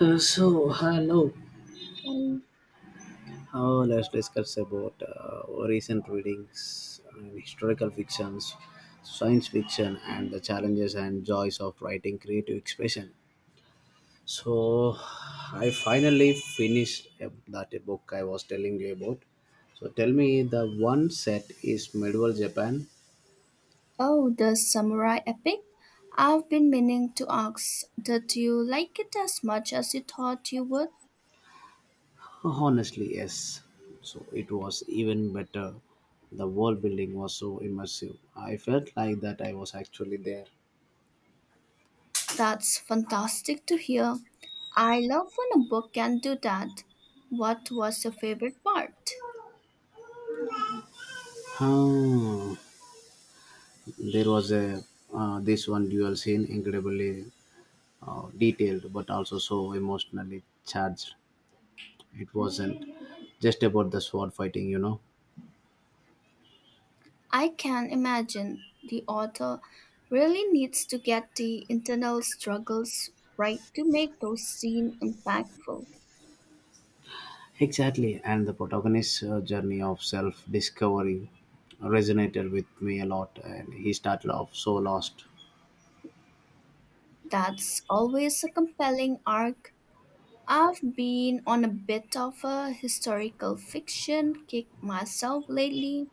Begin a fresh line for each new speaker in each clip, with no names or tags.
So hello.
Um,
Let's discuss about recent readings and historical fictions, science fiction, and the challenges and joys of writing creative expression. So I finally finished that book I was telling you about. So tell me, the one set is medieval Japan.
Oh, the samurai epic? I've been meaning to ask, did you like it as much as you thought you would?
Honestly, yes. So it was even better. The world building was so immersive. I felt like that I was actually there.
That's fantastic to hear. I love when a book can do that. What was your favorite part?
Oh, there was a this one duel scene, incredibly detailed but also so emotionally charged. It wasn't just about the sword fighting, you know.
I can imagine the author really needs to get the internal struggles right to make those scenes impactful.
Exactly, and the protagonist's journey of self-discovery resonated with me a lot, and he started off so lost.
That's always a compelling arc. I've been on a bit of a historical fiction kick myself lately.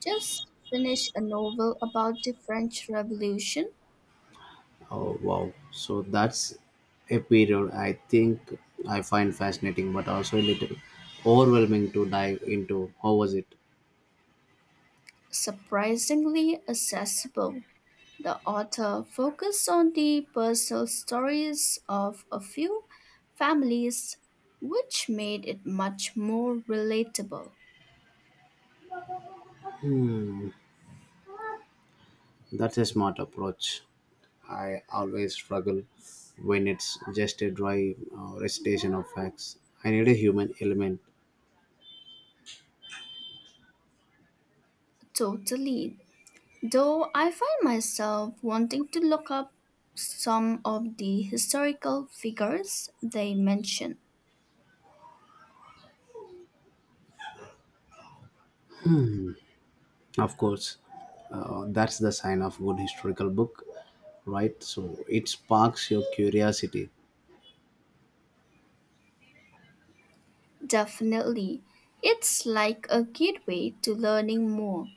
Just finished a novel about the French Revolution,
Oh wow! So that's a period I think I find fascinating, but also a little overwhelming to dive into. How was it?
surprisingly accessible. The author focused on the personal stories of a few families, which made it much more relatable.
That's a smart approach. I always struggle when it's just a dry recitation of facts. I need a human element.
Totally. Though I find myself wanting to look up some of the historical figures they mention.
Of course, that's the sign of good historical book, right? So it sparks your curiosity.
Definitely, it's like a gateway to learning more.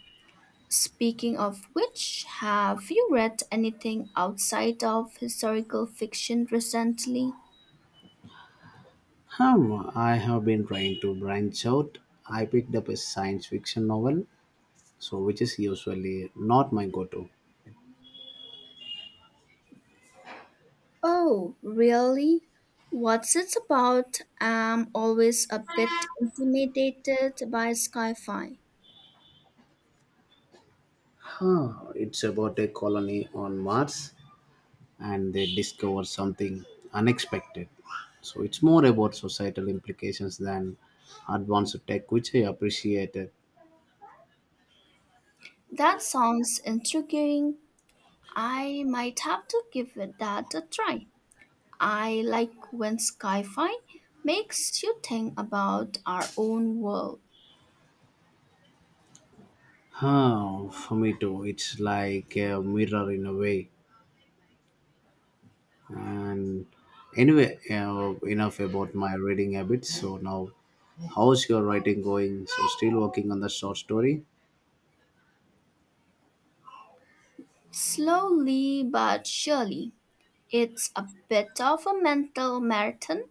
Speaking of which, have you read anything outside of historical fiction recently?
Hmm, I have been trying to branch out. I picked up a science fiction novel, so which is usually not my go-to.
Oh, really? What's it about? I'm always a bit intimidated by sci fi.
Huh, it's about a colony on Mars and they discover something unexpected. So it's more about societal implications than advanced tech, which I appreciated.
That sounds intriguing. I might have to give it that a try. I like when sci-fi makes you think about our own world.
Huh, for me too, it's like a mirror in a way. And anyway, enough about my reading habits. So now, how's your writing going? So still working on the short story?
Slowly but surely, it's a bit of a mental marathon.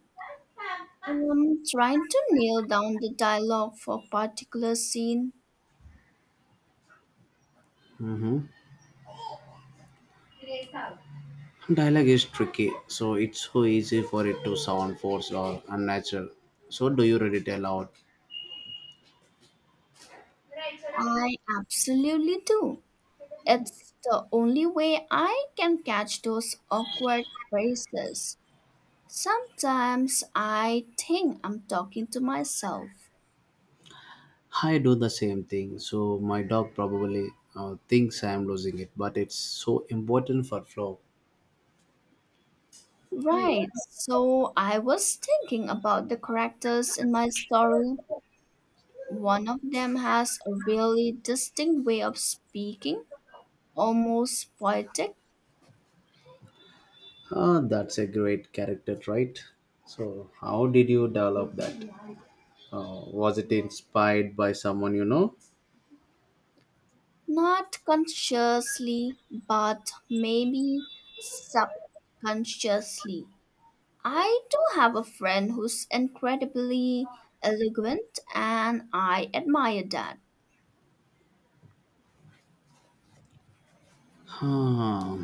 Trying to nail down the dialogue for a particular scene.
Hmm? Dialogue is tricky, so it's so easy for it to sound forced or unnatural. So do you read it aloud?
I absolutely do. It's the only way I can catch those awkward phrases. Sometimes I think I'm talking to myself.
I do the same thing. So my dog probably thinks I am losing it, but it's so important for flow.
Right, so I was thinking about the characters in my story. One of them has a really distinct way of speaking, almost poetic.
Ah, that's a great character trait. So how did you develop that? Was it inspired by someone you know?
Not consciously, but maybe subconsciously. I do have a friend who's incredibly eloquent, and I admire that.
Hmm,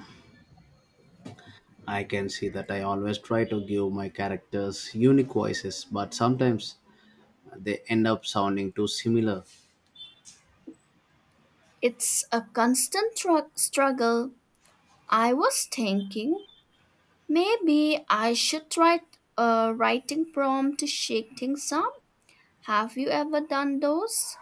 I can see that I always try to give my characters unique voices, but sometimes they end up sounding too similar.
It's a constant struggle. I was thinking maybe I should try a writing prompt to shake things up. Have you ever done those?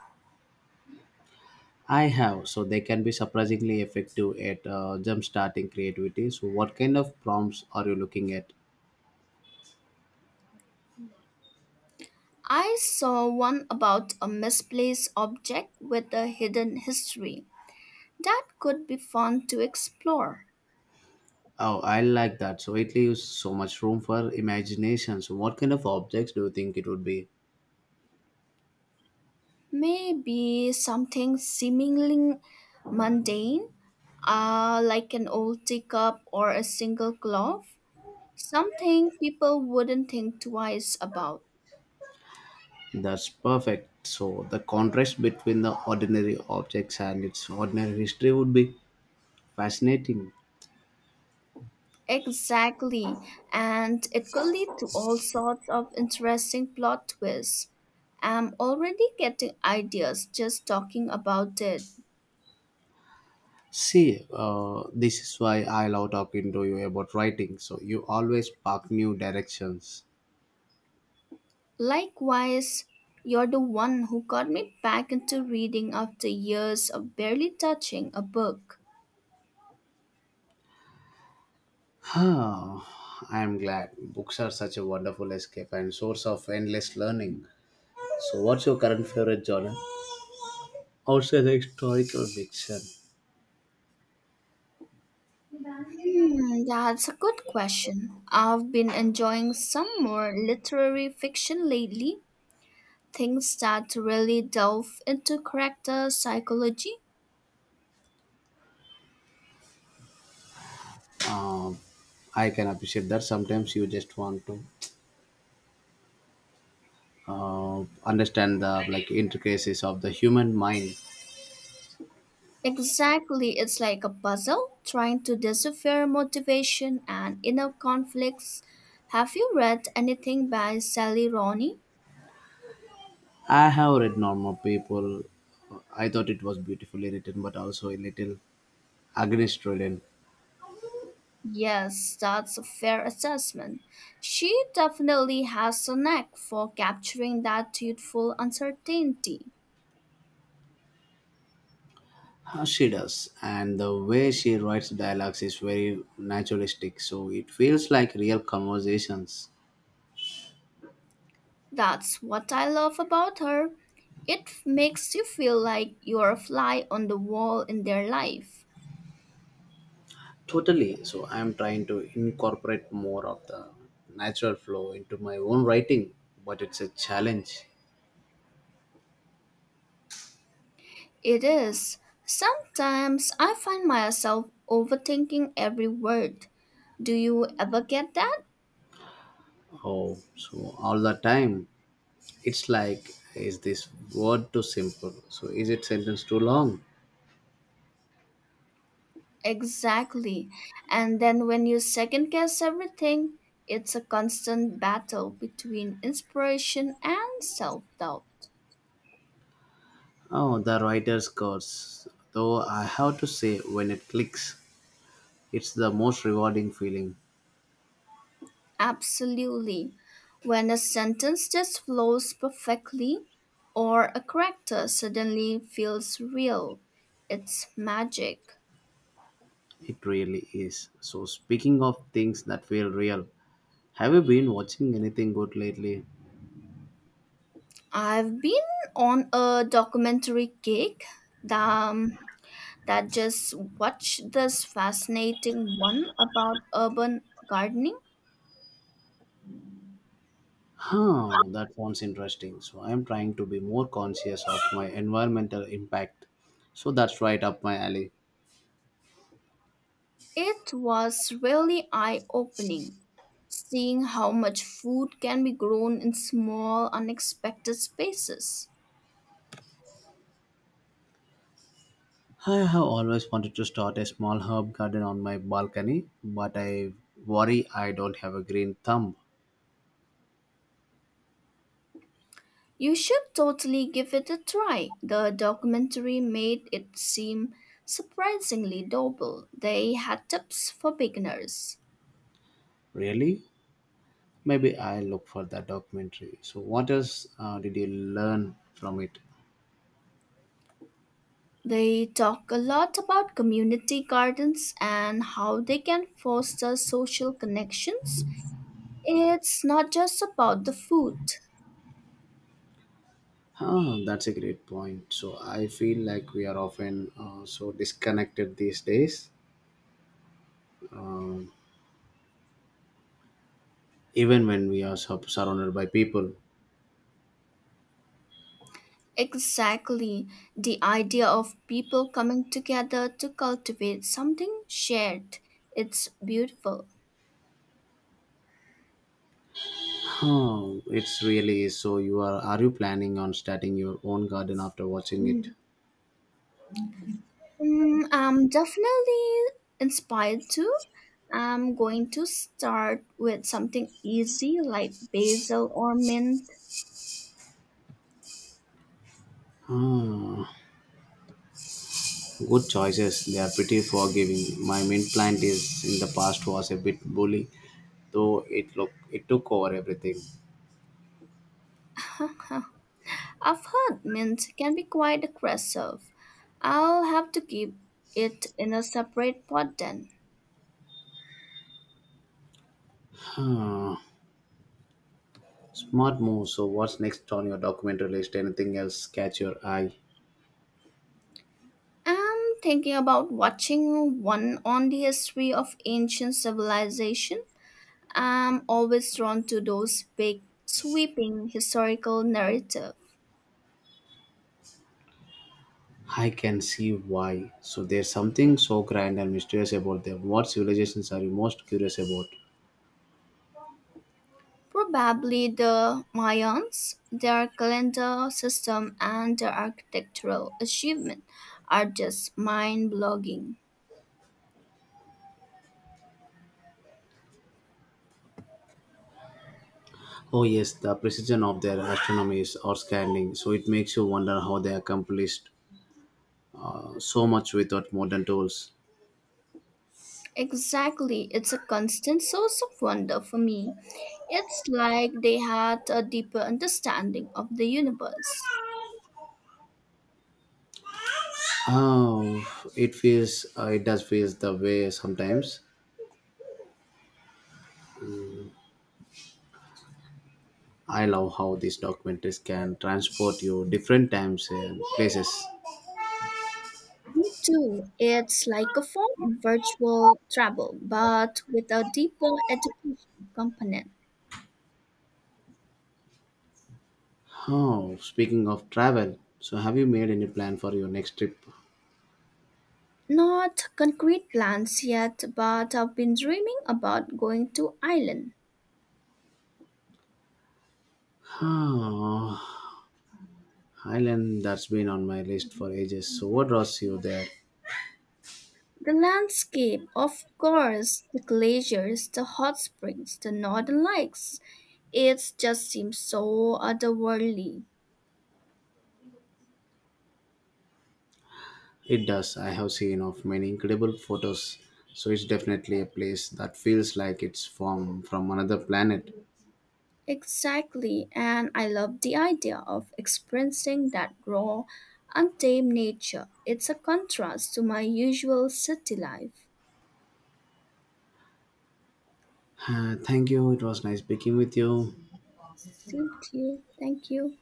I have, so they can be surprisingly effective at jumpstarting creativity. So, what kind of prompts are you looking at?
I saw one about a misplaced object with a hidden history. That could be fun to explore.
Oh, I like that. So, it leaves so much room for imagination. So, what kind of objects do you think it would be?
Maybe something seemingly mundane, like an old teacup or a single glove. Something people wouldn't think twice about.
That's perfect. So, the contrast between the ordinary objects and its ordinary history would be fascinating.
Exactly. And it could lead to all sorts of interesting plot twists. I'm already getting ideas just talking about it.
See, this is why I love talking to you about writing. So, you always spark new directions.
Likewise, you're the one who got me back into reading after years of barely touching a book.
Oh, I'm glad. Books are such a wonderful escape and source of endless learning. So, what's your current favorite genre? I the historical fiction.
Hmm, that's a good question. I've been enjoying some more literary fiction lately, things that really delve into character psychology.
I can appreciate that sometimes you just want to understand the like intricacies of the human mind.
Exactly, it's like a puzzle trying to decipher motivation and inner conflicts. Have you read anything by Sally Rooney?
I have read normal people. I thought it was beautifully written, but also a little against Australian.
Yes, that's a fair assessment. She definitely has a knack for capturing that youthful uncertainty.
She does, and the way she writes dialogues is very naturalistic, so it feels like real conversations.
That's what I love about her. It makes you feel like you're a fly on the wall in their life.
Totally. So I'm trying to incorporate more of the natural flow into my own writing, but it's a challenge.
It is. Sometimes I find myself overthinking every word. Do you ever get that?
Oh, so all the time, it's like, is this word too simple? So is it sentence too long?
Exactly. And then when you second guess everything, it's a constant battle between inspiration and self doubt.
Oh, the writer's curse. Though I have to say, when it clicks, it's the most rewarding feeling.
Absolutely. When a sentence just flows perfectly or a character suddenly feels real, it's magic.
It really is. So, speaking of things that feel real, have you been watching anything good lately?
I've been on a documentary kick that, um, that just watched this fascinating one about urban gardening.
Huh, that sounds interesting. So, I'm trying to be more conscious of my environmental impact. So, that's right up my alley.
It was really eye opening seeing how much food can be grown in small, unexpected spaces.
I have always wanted to start a small herb garden on my balcony, but I worry I don't have a green thumb.
You should totally give it a try. The documentary made it seem surprisingly doable. They had tips for beginners.
Really? Maybe I'll look for that documentary. So, what else did you learn from it?
They talk a lot about community gardens and how they can foster social connections. It's not just about the food.
Ah, that's a great point. So I feel like we are often so disconnected these days, um, even when we are surrounded by people.
Exactly. The idea of people coming together to cultivate something shared. It's beautiful.
Oh, it's really is. So. You Are you planning on starting your own garden after watching it?
Mm, I'm definitely inspired too. I'm going to start with something easy like basil or mint.
Ah, good choices. They are pretty forgiving. My mint plant is in the past was a bit bully, though it look it took over everything.
I've heard mint can be quite aggressive. I'll have to keep it in a separate pot then.
Ah, smart move. So what's next on your documentary list? Anything else catch your eye?
I'm thinking about watching one on the history of ancient civilization. I'm always drawn to those big, sweeping historical narratives.
I can see why. So there's something so grand and mysterious about them. What civilizations are you most curious about?
Probably the Mayans, their calendar system and their architectural achievement are just mind-blogging.
Oh yes, the precision of their astronomy is outstanding. So it makes you wonder how they accomplished so much without modern tools.
Exactly. It's a constant source of wonder for me. It's like they had a deeper understanding of the universe.
Oh, it feels it does feels the way sometimes. I love how these documentaries can transport you different times and places.
Me too. It's like a form of virtual travel, but with a deeper education component.
Oh, speaking of travel, so have you made any plan for your next trip?
Not concrete plans yet, but I've been dreaming about going to Ireland.
Oh, Ireland, that's been on my list for ages. So what draws you there?
The landscape, of course, the glaciers, the hot springs, the northern lights. It just seems so otherworldly.
It does. I have seen of many incredible photos. So it's definitely a place that feels like it's from another planet.
Exactly, and I love the idea of experiencing that raw, untamed nature. It's a contrast to my usual city life.
Ah, thank you. It was nice speaking with you.
Thank you. Thank you.